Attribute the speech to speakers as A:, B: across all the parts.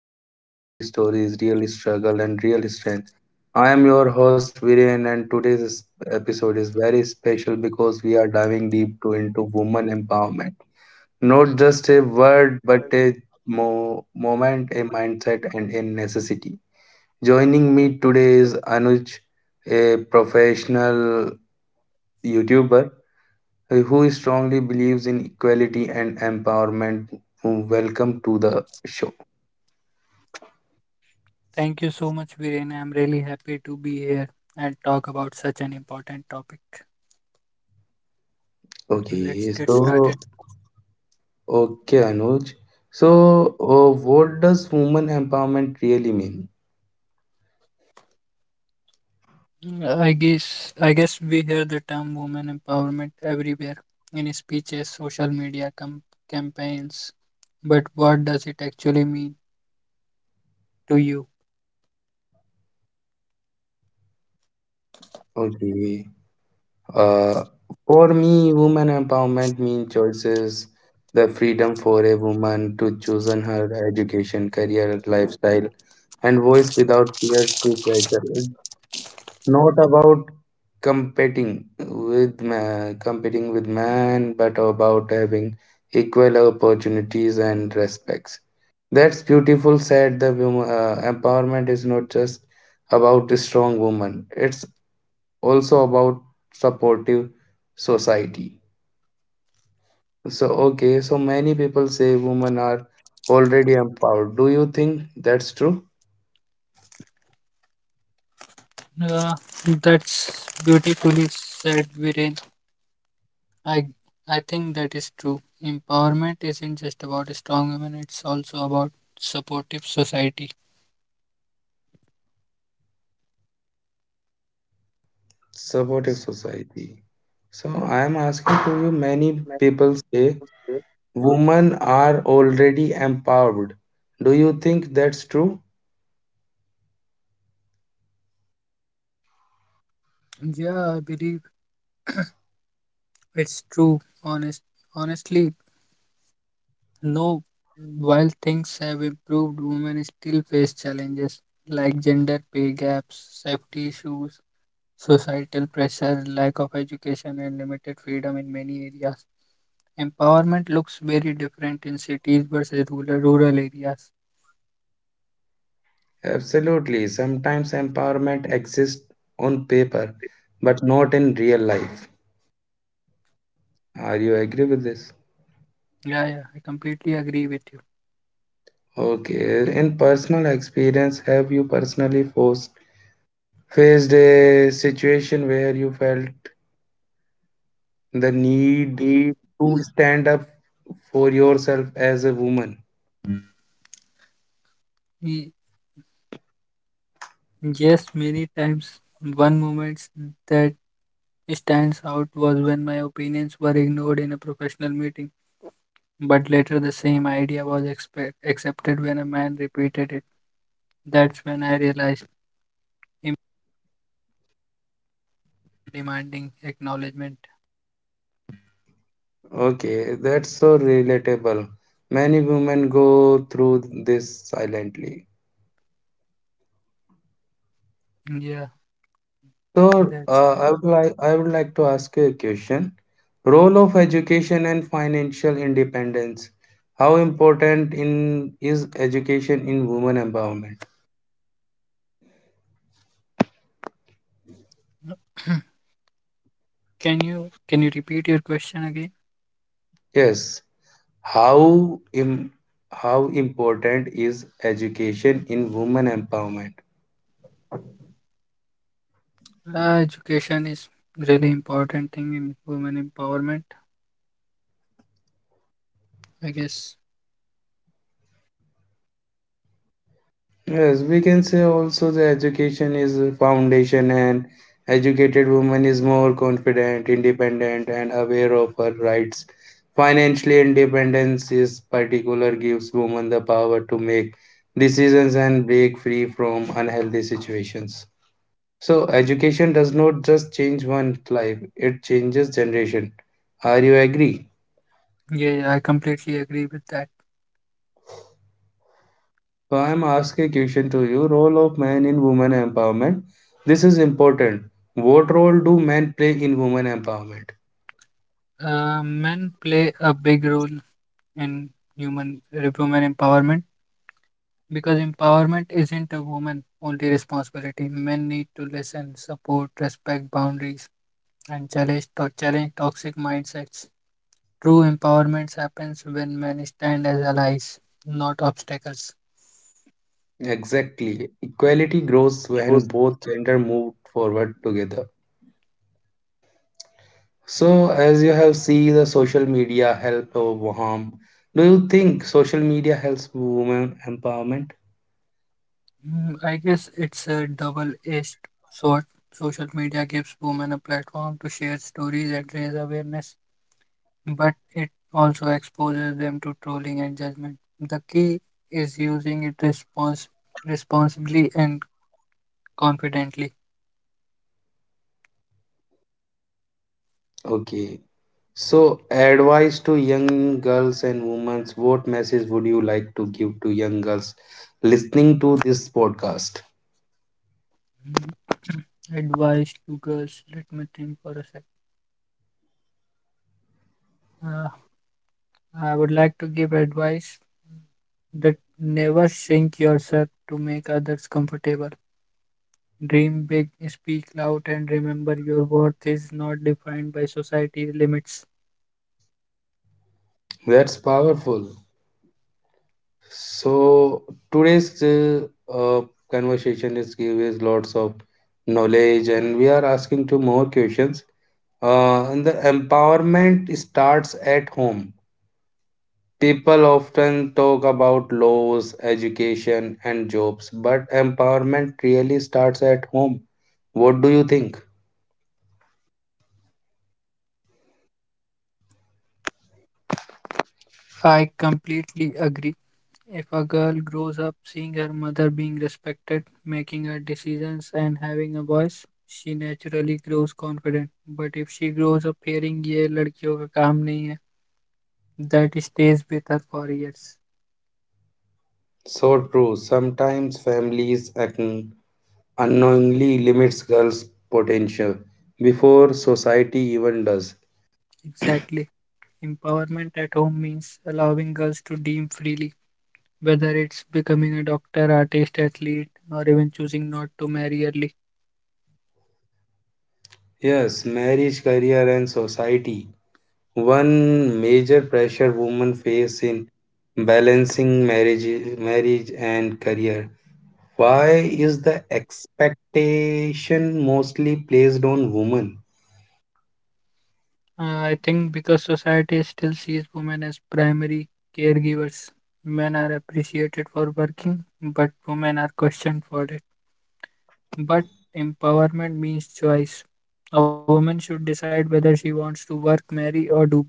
A: talk about real stories, real struggle, and real strength. I am your host Viren, and today's episode is very special because we are diving deep into woman empowerment. Not just a word, but a moment, a mindset, and a necessity. Joining me today is Anuj, a professional YouTuber who strongly believes in equality and empowerment. Welcome to the show.
B: Thank you so much, Viren. I'm really happy to be here and talk about such an important topic. Let's
A: Okay,
B: get
A: so
B: started.
A: okay, Anuj. So, what does woman empowerment really mean?
B: I guess we hear the term women empowerment everywhere in speeches, social media campaigns. But what does it actually mean to you?
A: Okay, uh, for me, woman empowerment means choices, the freedom for a woman to choose on her education, career, lifestyle, and voice without fear to pressure. It's not about competing competing with man but about having equal opportunities and respects. That's beautiful said. The empowerment is not just about a strong woman, it's also about supportive society. So okay, so many people say women are already empowered, do you think that's true?
B: Uh, that's beautifully said, Viren. I I think that is true. Empowerment isn't just about strong women; it's also about supportive society.
A: Supportive society. So I am asking to you, many people say women are already empowered. Do you think that's true?
B: Yeah, I believe it's true. Honestly, no. While things have improved, women still face challenges like gender pay gaps, safety issues, societal pressure, lack of education, and limited freedom in many areas. Empowerment looks very different in cities versus rural areas.
A: Absolutely. Sometimes empowerment exists on paper, but not in real life. Are you agree with this?
B: Yeah, yeah, I completely agree with you.
A: Okay. In personal experience, have you personally faced a situation where you felt the need
B: Mm,
A: to stand up for yourself as a woman?
B: Y- Yes, many times one moment that stands out was when my opinions were ignored in a professional meeting, but later the same idea was accepted when a man repeated it. That's when I realized him demanding acknowledgement.
A: Okay, that's so relatable. Many women go through this silently.
B: Yeah,
A: So,
B: that's right.
A: I would like to ask you a question. Role of education and financial independence. How important in is education in women empowerment?
B: No- can you repeat your question again?
A: Yes. How im, how important is education in women empowerment?
B: Education is really important thing in women empowerment, I guess.
A: Yes, we can say also the education is a foundation and educated woman is more confident, independent and aware of her rights. Financially independence is particular gives women the power to make decisions and break free from unhealthy situations. So education does not just change one's life, it changes generation. Are you agree?
B: Yeah, yeah, I completely agree with that.
A: So I'm asking a question to you. Role of man in women empowerment. This is important. What role do men play in women empowerment?
B: Men play a big role in human women empowerment. Because empowerment isn't a woman only responsibility. Men need to listen, support, respect boundaries, and challenge toxic mindsets. True empowerment happens when men stand as allies, not obstacles.
A: Exactly. Equality grows when both gender move forward together. So as you have seen the social media help or harm, do you think social media helps women empowerment?
B: I guess it's a double edged sword. Social media gives women a platform to share stories and raise awareness, but it also exposes them to trolling and judgment. The key is using it responsibly and confidently.
A: Okay. So advice to young girls and women, what message would you like to give to young girls listening to this podcast?
B: Mhm. Advice to girls. Let me think for a sec. Uh, I would like to give advice that never shrink yourself to make others comfortable. Dream big, speak loud, and remember your worth is not defined by society's limits.
A: That's powerful. So today's conversation is giving us lots of knowledge, and we are asking two more questions. And the empowerment starts at home. People often talk about laws, education, and jobs, but empowerment really starts at home. What do you think?
B: I completely agree. If a girl grows up seeing her mother being respected, making her decisions, and having a voice, she naturally grows confident. But if she grows up hearing, ये लड़कियों का काम नहीं है, that stays with her for years.
A: So true. Sometimes families unknowingly limits girls' potential before society even does.
B: Exactly. Empowerment at home means allowing girls to dream freely, whether it's becoming a doctor, artist, athlete, or even choosing not to marry early.
A: Yes, marriage, career, and society. One major pressure women face in balancing marriage, marriage and career. Why is the expectation mostly placed on women?
B: I think because society still sees women as primary caregivers, men are appreciated for working, but women are questioned for it. But empowerment means choice. A woman should decide whether she wants to work, marry, or do both.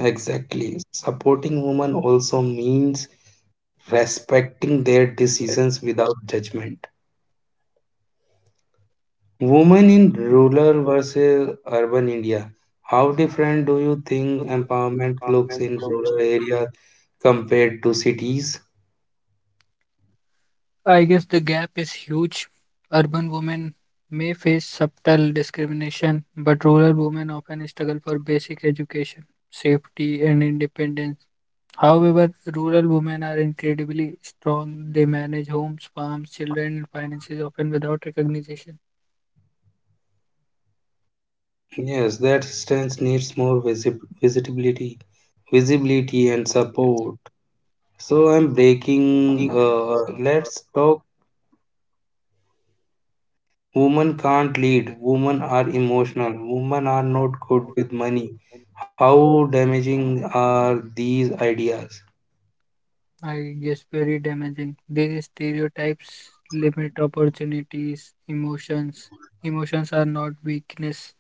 A: Exactly. Supporting women also means respecting their decisions without judgment. Women in rural versus urban India. How different do you think empowerment looks in rural areas compared to cities?
B: I guess the gap is huge. Urban women may face subtle discrimination, but rural women often struggle for basic education, safety, and independence. However, rural women are incredibly strong. They manage homes, farms, children, and finances often without recognition.
A: Yes, that stance needs more visibility, visibility and support. So I'm breaking. Let's talk. Women can't lead. Women are emotional. Women are not good with money. How damaging are these ideas?
B: I guess very damaging. These stereotypes limit opportunities, emotions. Emotions are not weakness.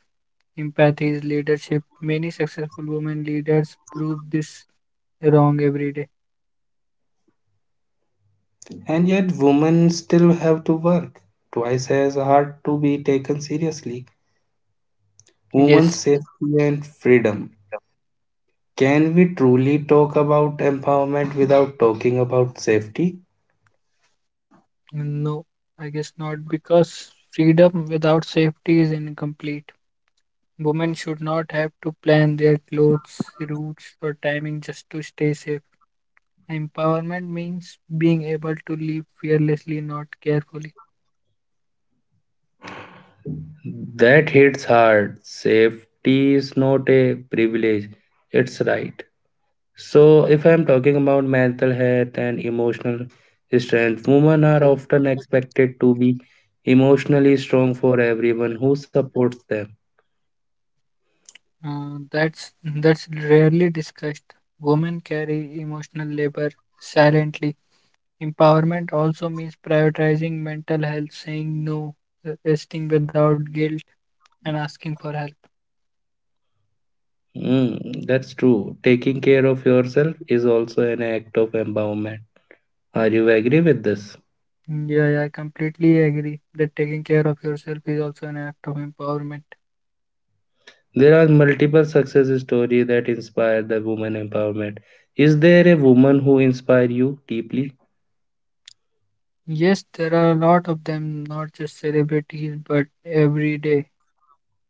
B: Empathy is leadership. Many successful women leaders prove this wrong every day.
A: And yet, women still have to work twice as hard to be taken seriously. Women's
B: Yes,
A: safety and freedom. Can we truly talk about empowerment without talking about safety?
B: no, I guess not, because freedom without safety is incomplete. Women should not have to plan their clothes, routes, or timing just to stay safe. Empowerment means being able to live fearlessly, not carefully.
A: That hits hard. Safety is not a privilege, it's right. So, if I'm talking about mental health and emotional strength, women are often expected to be emotionally strong for everyone who supports them.
B: That's rarely discussed. Women carry emotional labor silently. Empowerment also means prioritizing mental health, saying no, resting without guilt, and asking for help.
A: Mm, that's true. Taking care of yourself is also an act of empowerment. Are you agree with this?
B: Yeah, yeah, I completely agree that taking care of yourself is also an act of empowerment.
A: There are multiple success stories that inspire the woman empowerment. Is there a woman who inspire you deeply?
B: Yes, there are a lot of them, not just celebrities,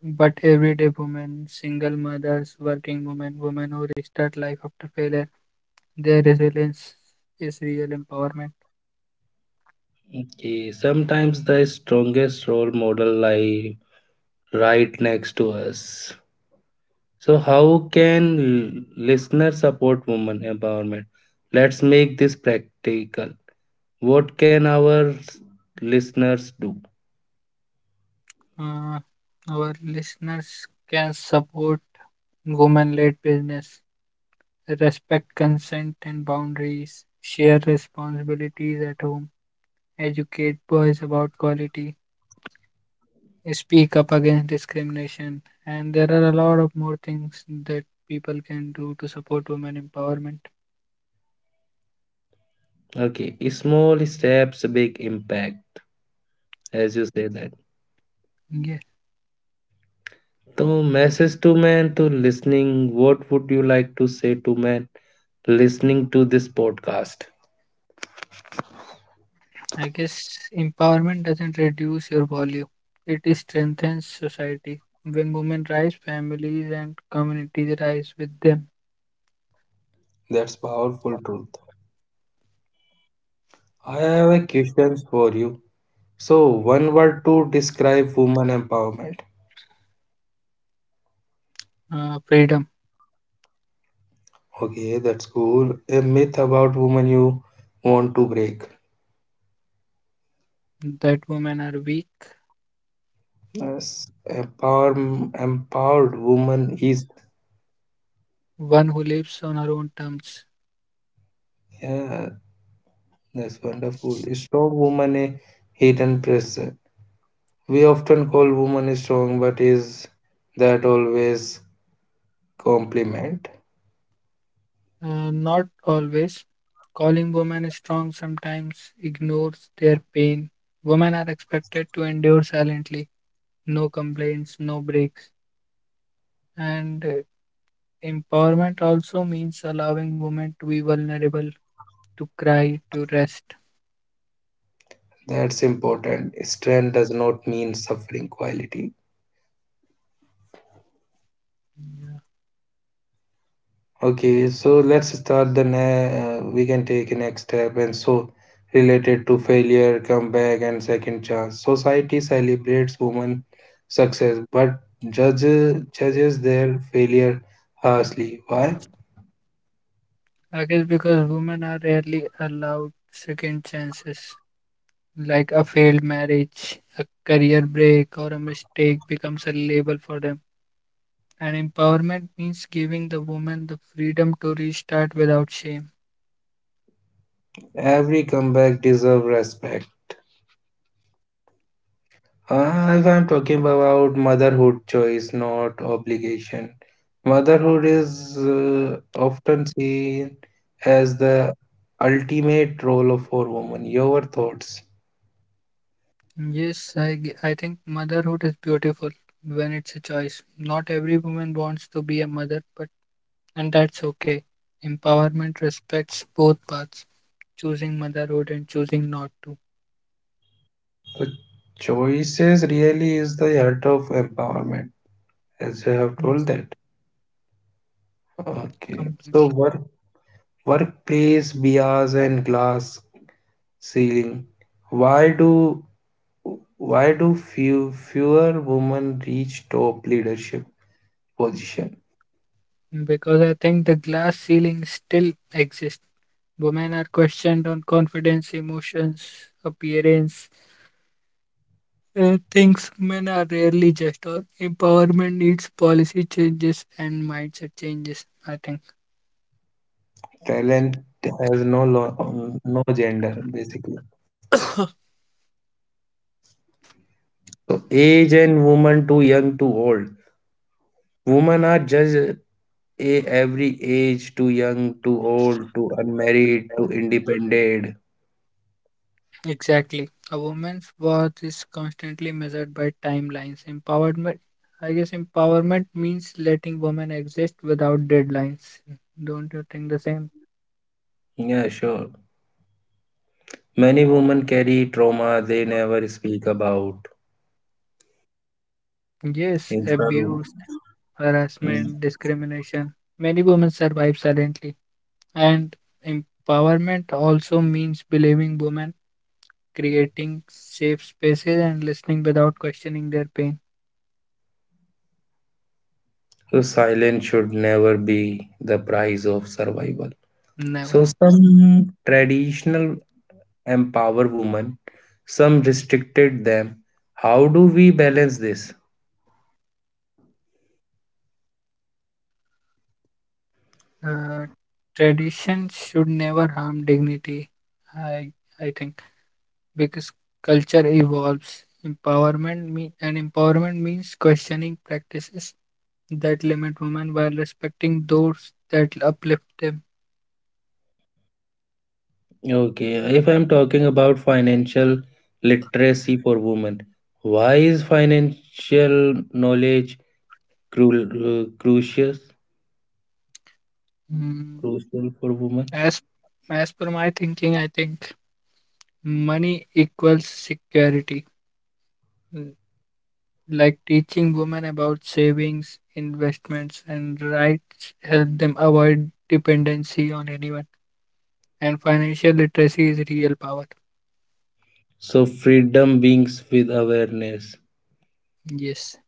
B: but everyday women, single mothers, working women, women who restart life after failure. Their resilience is real empowerment.
A: Okay, sometimes the strongest role model lie right next to us. So how can listeners support women empowerment? Let's make this practical. What can our listeners do?
B: Uh, our listeners can support women-led business, respect consent and boundaries, share responsibilities at home, educate boys about quality, speak up against discrimination, and there are a lot of more things that people can do to support women empowerment.
A: Okay, small steps, big impact, as you say that.
B: Yeah,
A: So, message to man to listening. What would you like to say to man listening to this podcast?
B: I guess empowerment doesn't reduce your value, it is strengthens society. When women rise, families and communities rise with them.
A: That's powerful truth. I have a question for you. So, one word to describe woman empowerment.
B: Freedom.
A: Okay, that's cool. A myth about woman you want to break.
B: That women are weak,
A: Yes, empowered woman is.
B: one who lives on her own terms.
A: Yeah, that's wonderful. A strong woman, a hidden person. We often call woman strong, but is that always compliment?
B: Not always. Calling women is strong sometimes ignores their pain. Women are expected to endure silently, no complaints, no breaks. And empowerment also means allowing women to be vulnerable, to cry, to rest.
A: That's important. Strength does not mean suffering quality.
B: Yeah.
A: Okay, so let's start the we can take a next step and so related to failure, comeback, and second chance. Society celebrates women success, but judges their failure harshly. Why?
B: I guess because women are rarely allowed second chances, like a failed marriage, a career break, or a mistake becomes a label for them. And empowerment means giving the woman the freedom to restart without shame.
A: Every comeback deserves respect. If I'm talking about motherhood choice, not obligation. Motherhood is often seen as the ultimate role of for woman. Your thoughts?
B: Yes, I think motherhood is beautiful when it's a choice. Not every woman wants to be a mother, but and that's okay. Empowerment respects both paths, choosing motherhood and choosing not to.
A: The choices really is the heart of empowerment, as I have told
B: Yes,
A: that. Okay. So
B: completely.
A: workplace bias and glass ceiling. Why do Why do fewer women reach top leadership position?
B: Because I think the glass ceiling still exists. Women are questioned on confidence, emotions, appearance. Things men are rarely just or empowerment needs policy changes and mindset changes, I think.
A: Talent has no gender basically. So age and woman too young too old. Women are judged a every age too young too old too unmarried too independent.
B: Exactly, a woman's worth is constantly measured by timelines empowerment. I guess empowerment means letting women exist without deadlines. Don't you think the same?
A: Yeah, sure. Many women carry trauma they never speak about.
B: Yes,
A: In some-
B: abuse,
A: Mm.
B: harassment, discrimination. Many women survive silently, and empowerment also means believing women, creating safe spaces and listening without questioning their pain.
A: So silence should never be the price of survival.
B: Never,
A: So
B: never.
A: some traditional empower women, some restricted them. How do we balance this?
B: Uh, Tradition should never harm dignity. I I think because culture evolves. Empowerment means questioning practices that limit women while respecting those that uplift them.
A: Okay, if I'm talking about financial literacy for women, why is financial knowledge cru- uh, crucial
B: Mm,
A: crucial for women?
B: As as per my thinking, I think money equals security. Like teaching women about savings, investments, and rights help them avoid dependency on anyone. And financial literacy is real power.
A: So freedom beings with awareness,
B: Yes.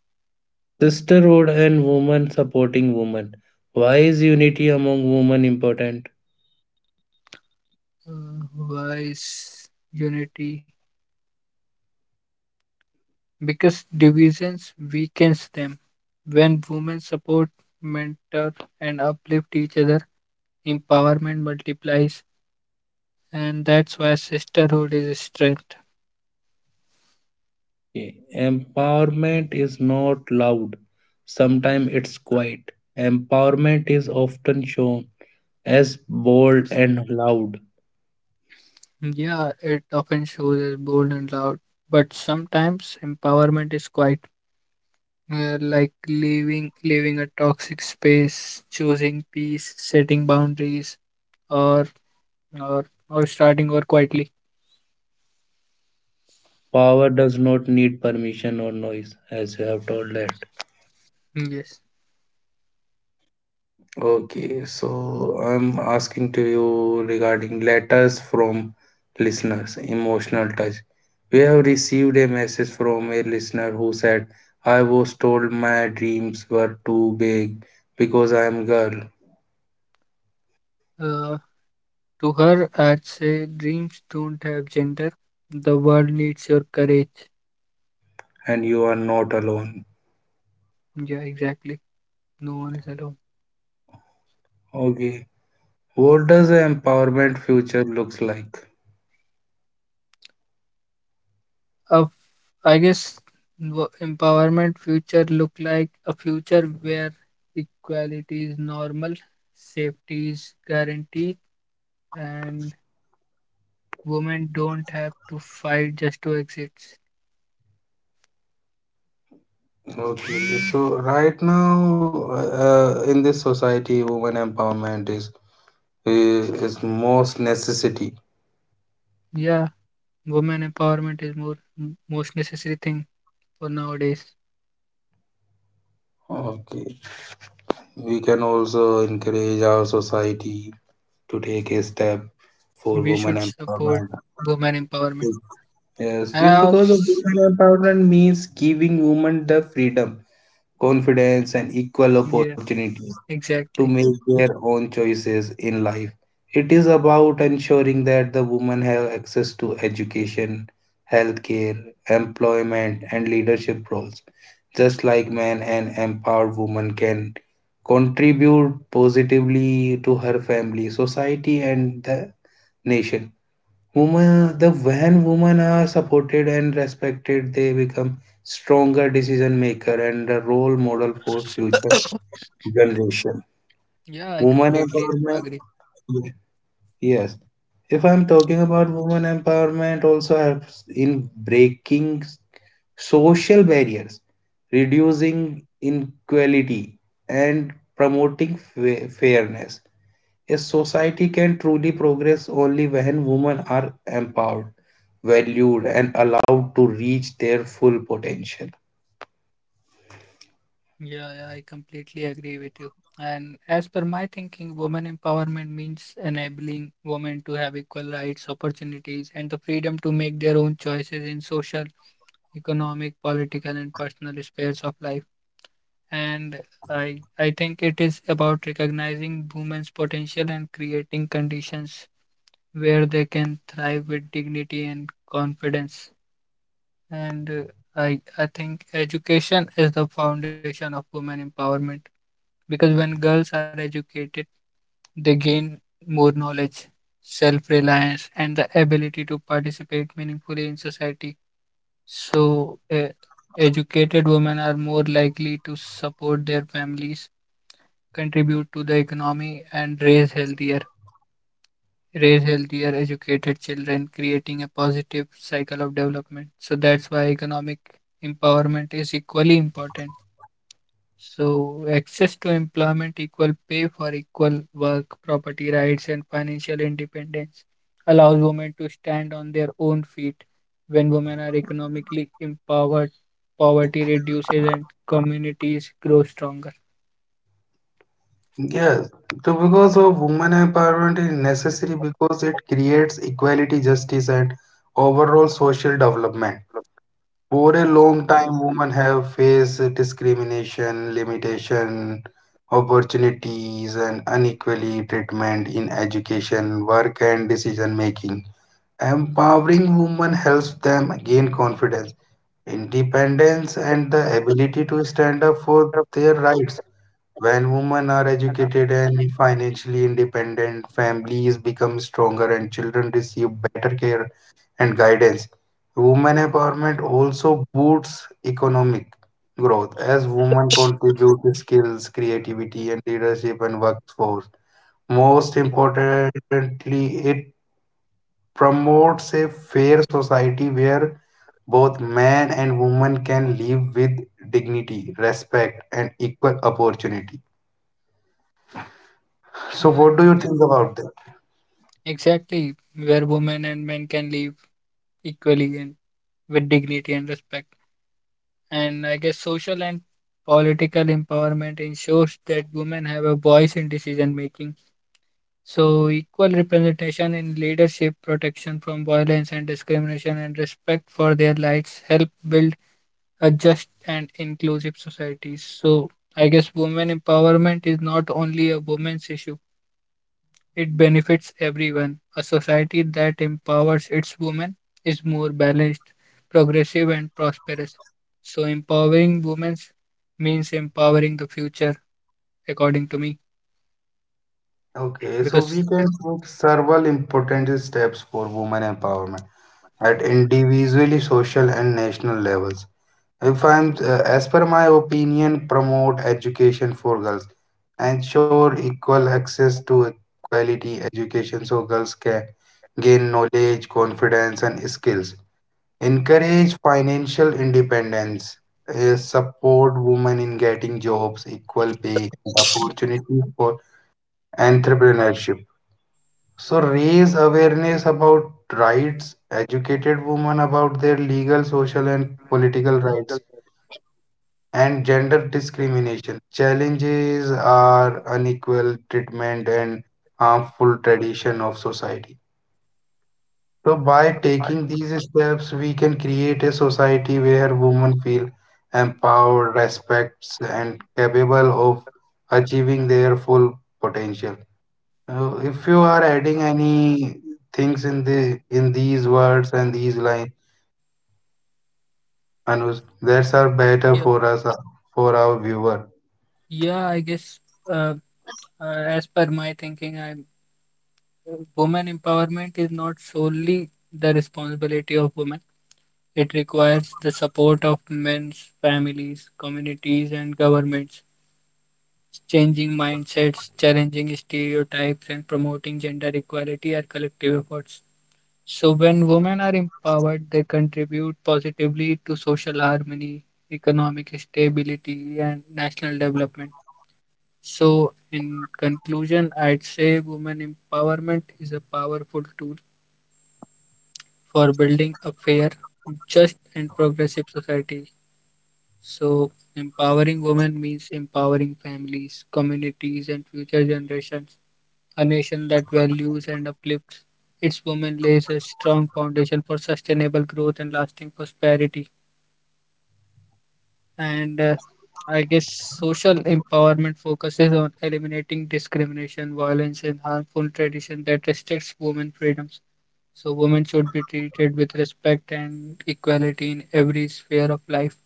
A: sisterhood and women supporting women. Why is unity among women important?
B: Wise unity, because divisions weakens them. When women support, mentor, and uplift each other, empowerment multiplies, and that's why sisterhood is strength.
A: Empowerment is not loud, sometimes it's quiet. Empowerment is often shown as bold and loud.
B: Yeah, it often shows as bold and loud, but sometimes empowerment is quiet, like leaving a toxic space, choosing peace, setting boundaries, or or starting over quietly.
A: Power does not need permission or noise, as you have told that.
B: Yes.
A: Okay, so I'm asking to you regarding letters from listeners, emotional touch. We have received a message from a listener who said, I was told my dreams were too big because I am girl.
B: Uh, to her, I'd say dreams don't have gender. The world needs your courage.
A: And you are not alone.
B: Yeah, exactly. No one is alone.
A: Okay. What does the empowerment future looks like?
B: Of, I guess empowerment future look like a future where equality is normal, safety is guaranteed, and women don't have to fight just to exist.
A: Okay. So right now, in this society, women empowerment is most necessity.
B: Yeah, women empowerment is more most necessary thing for nowadays.
A: Okay. We can also encourage our society to take a step for
B: We should
A: women
B: support
A: empowerment.
B: women empowerment.
A: Yes,
B: And I
A: you because of
B: also,
A: women empowerment means giving women the freedom, confidence, and equal
B: yeah,
A: opportunity to
B: exactly.
A: make their own choices in life. It is about ensuring that the women have access to education, healthcare, employment, and leadership roles, just like men. An empowered woman can contribute positively to her family, society, and the nation. Women, the when women are supported and respected, they become stronger decision maker and a role model for future generation.
B: Yeah, I
A: Woman
B: completely
A: empowerment.
B: agree.
A: Yes. If I'm talking about women empowerment, also helps in breaking social barriers, reducing inequality, and promoting fairness. A society can truly progress only when women are empowered, valued, and allowed to reach their full potential.
B: Yeah, yeah, I completely agree with you. And as per my thinking, women empowerment means enabling women to have equal rights, opportunities, and the freedom to make their own choices in social, economic, political, and personal spheres of life. And I think it is about recognizing women's potential and creating conditions where they can thrive with dignity and confidence. And I think education is the foundation of women empowerment because when girls are educated, they gain more knowledge, self reliance, and the ability to participate meaningfully in society. So, educated women are more likely to support their families, contribute to the economy, and raise healthier, educated children, creating a positive cycle of development. So that's why economic empowerment is equally important. So, access to employment, equal pay for equal work, property rights, and financial independence allows women to stand on their own feet. When women are economically empowered, poverty reduces and communities grow stronger.
A: Yes, so because of women empowerment is necessary because it creates equality, justice, and overall social development. For a
B: Yes.
A: long time, women have faced discrimination, limitation, opportunities, and unequally treatment in education, work, and decision making. Empowering women helps them gain confidence, independence, and the ability to stand up for their rights. When women are educated and financially independent, families become stronger and children receive better care and guidance. Women empowerment also boosts economic growth as women contribute to skills, creativity, and leadership and workforce. Most importantly, it promotes a fair society where both men and women can live with dignity, respect, and equal opportunity. So,
B: Yeah,
A: what do you
B: exac-
A: think about that?
B: exactly. Where women and men can live equally and with dignity and respect. And I guess social and political empowerment ensures that women have a voice in decision making. So, equal representation in leadership, protection from violence and discrimination, and respect for their rights help build a just and inclusive society. So, I guess women empowerment is not only a women's issue, it benefits everyone. A society that empowers its women is more balanced, progressive, and prosperous. So, empowering women means empowering the future, according to me,
A: Okay, so
B: because
A: we can take several important steps for women empowerment at individually, social, and national levels. If I'm, as per my opinion, promote education for girls, ensure equal access to quality education so girls can gain knowledge, confidence, and skills. Encourage financial independence. Uh, support women in getting jobs, equal pay, and opportunities for entrepreneurship. So raise awareness about rights, educated women about their legal, social, and political rights, and gender discrimination. Challenges are unequal treatment and harmful tradition of society. So by taking these steps, we can create a society where women feel empowered, respects, and capable of achieving their full potential. If you are adding any things in these words and these lines, Anuj, that's are better
B: yeah,
A: for us for our viewer.
B: yeah I guess. Uh, as per my thinking, I women empowerment is not solely the responsibility of women. It requires the support of men's families, communities, and governments. Changing mindsets, challenging stereotypes, and promoting gender equality are collective efforts. So, when women are empowered, they contribute positively to social harmony, economic stability, and national development. So, in conclusion, I'd say women empowerment is a powerful tool for building a fair, just, and progressive society. So, empowering women means empowering families, communities, and future generations. A nation that values and uplifts its women lays a strong foundation for sustainable growth and lasting prosperity. And I guess social empowerment focuses on eliminating discrimination, violence, and harmful tradition that restricts women freedoms. So women should be treated with respect and equality in every sphere of life.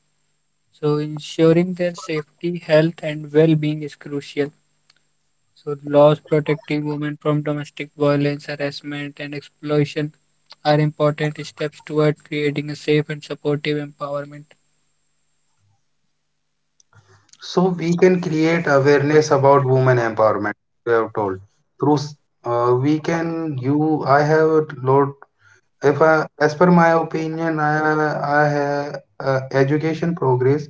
B: So ensuring their safety, health, and well-being is crucial. So laws protecting women from domestic violence, harassment, and exploitation are important steps toward creating a safe and supportive environment.
A: So we can create awareness about women empowerment. You have told through s- we can you I have a lot. If I, as per my opinion, I have education progress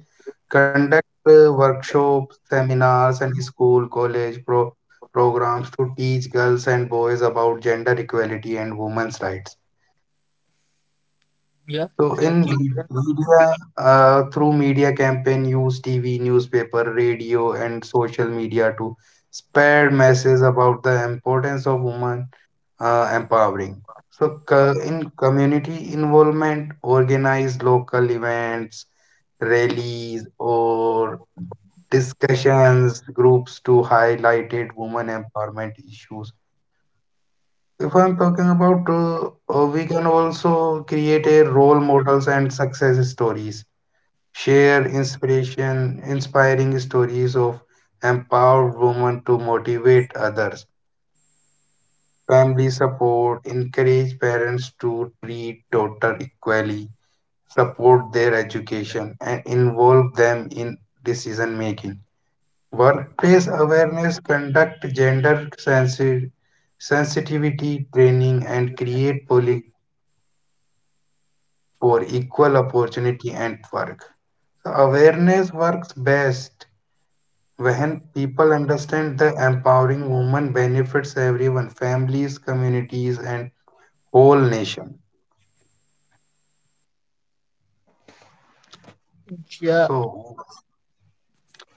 A: conduct workshops, seminars, and school college programs to teach girls and boys about gender equality and women's rights.
B: Yeah,
A: So in
B: exactly.
A: media, through media campaign, use TV, newspaper, radio, and social media to spread messages about the importance of women empowering. So, in community involvement, organize local events, rallies, or discussions groups to highlighted women empowerment issues. If I'm talking about, we can also create a role models and success stories. Share inspiration, inspiring stories of empowered women to motivate others. Family support, encourage parents to treat daughter equally, support their education, and involve them in decision making. Workplace awareness, conduct sensitivity training, and create policy for equal opportunity at work. So awareness works best when people understand the empowering woman benefits everyone, families, communities, and whole nation.
B: Yeah,
A: So,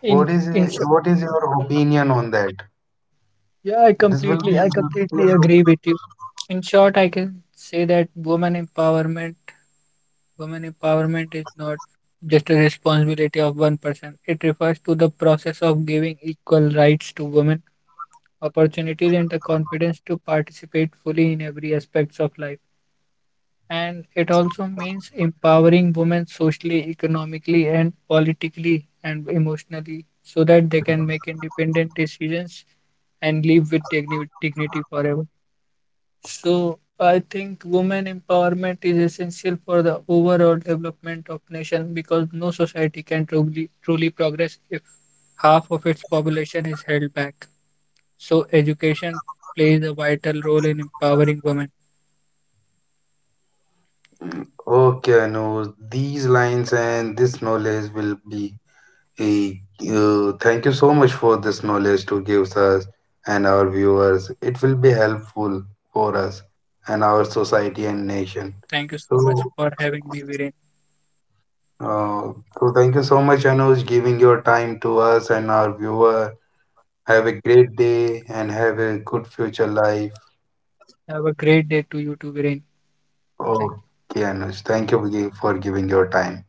B: In
A: what is
B: in short,
A: what is your opinion on that?
B: yeah, I
A: This will
B: completely
A: be
B: I completely agree with you. In short, I can say that woman empowerment is not just a responsibility of one person. It refers to the process of giving equal rights to women, opportunities, and the confidence to participate fully in every aspects of life. And it also means empowering women socially, economically, and politically and emotionally so that they can make independent decisions and live with dignity forever. So, I think women empowerment is essential for the overall development of nation because no society can truly progress if half of its population is held back. So, education plays a vital role in empowering women.
A: okay, no, these lines and this knowledge will be a thank you so much for this knowledge to give us and our viewers. It will be helpful for us and our
B: Thank you so much
A: society and
B: for having
A: nation.
B: me, Viren.
A: So, uh, so thank you so much, Anuj, giving your time to us and our viewer. Have a great day and have a good future life.
B: Have a great day to you too, Viren. Thank you.
A: Okay, Anuj, thank you for for giving your time.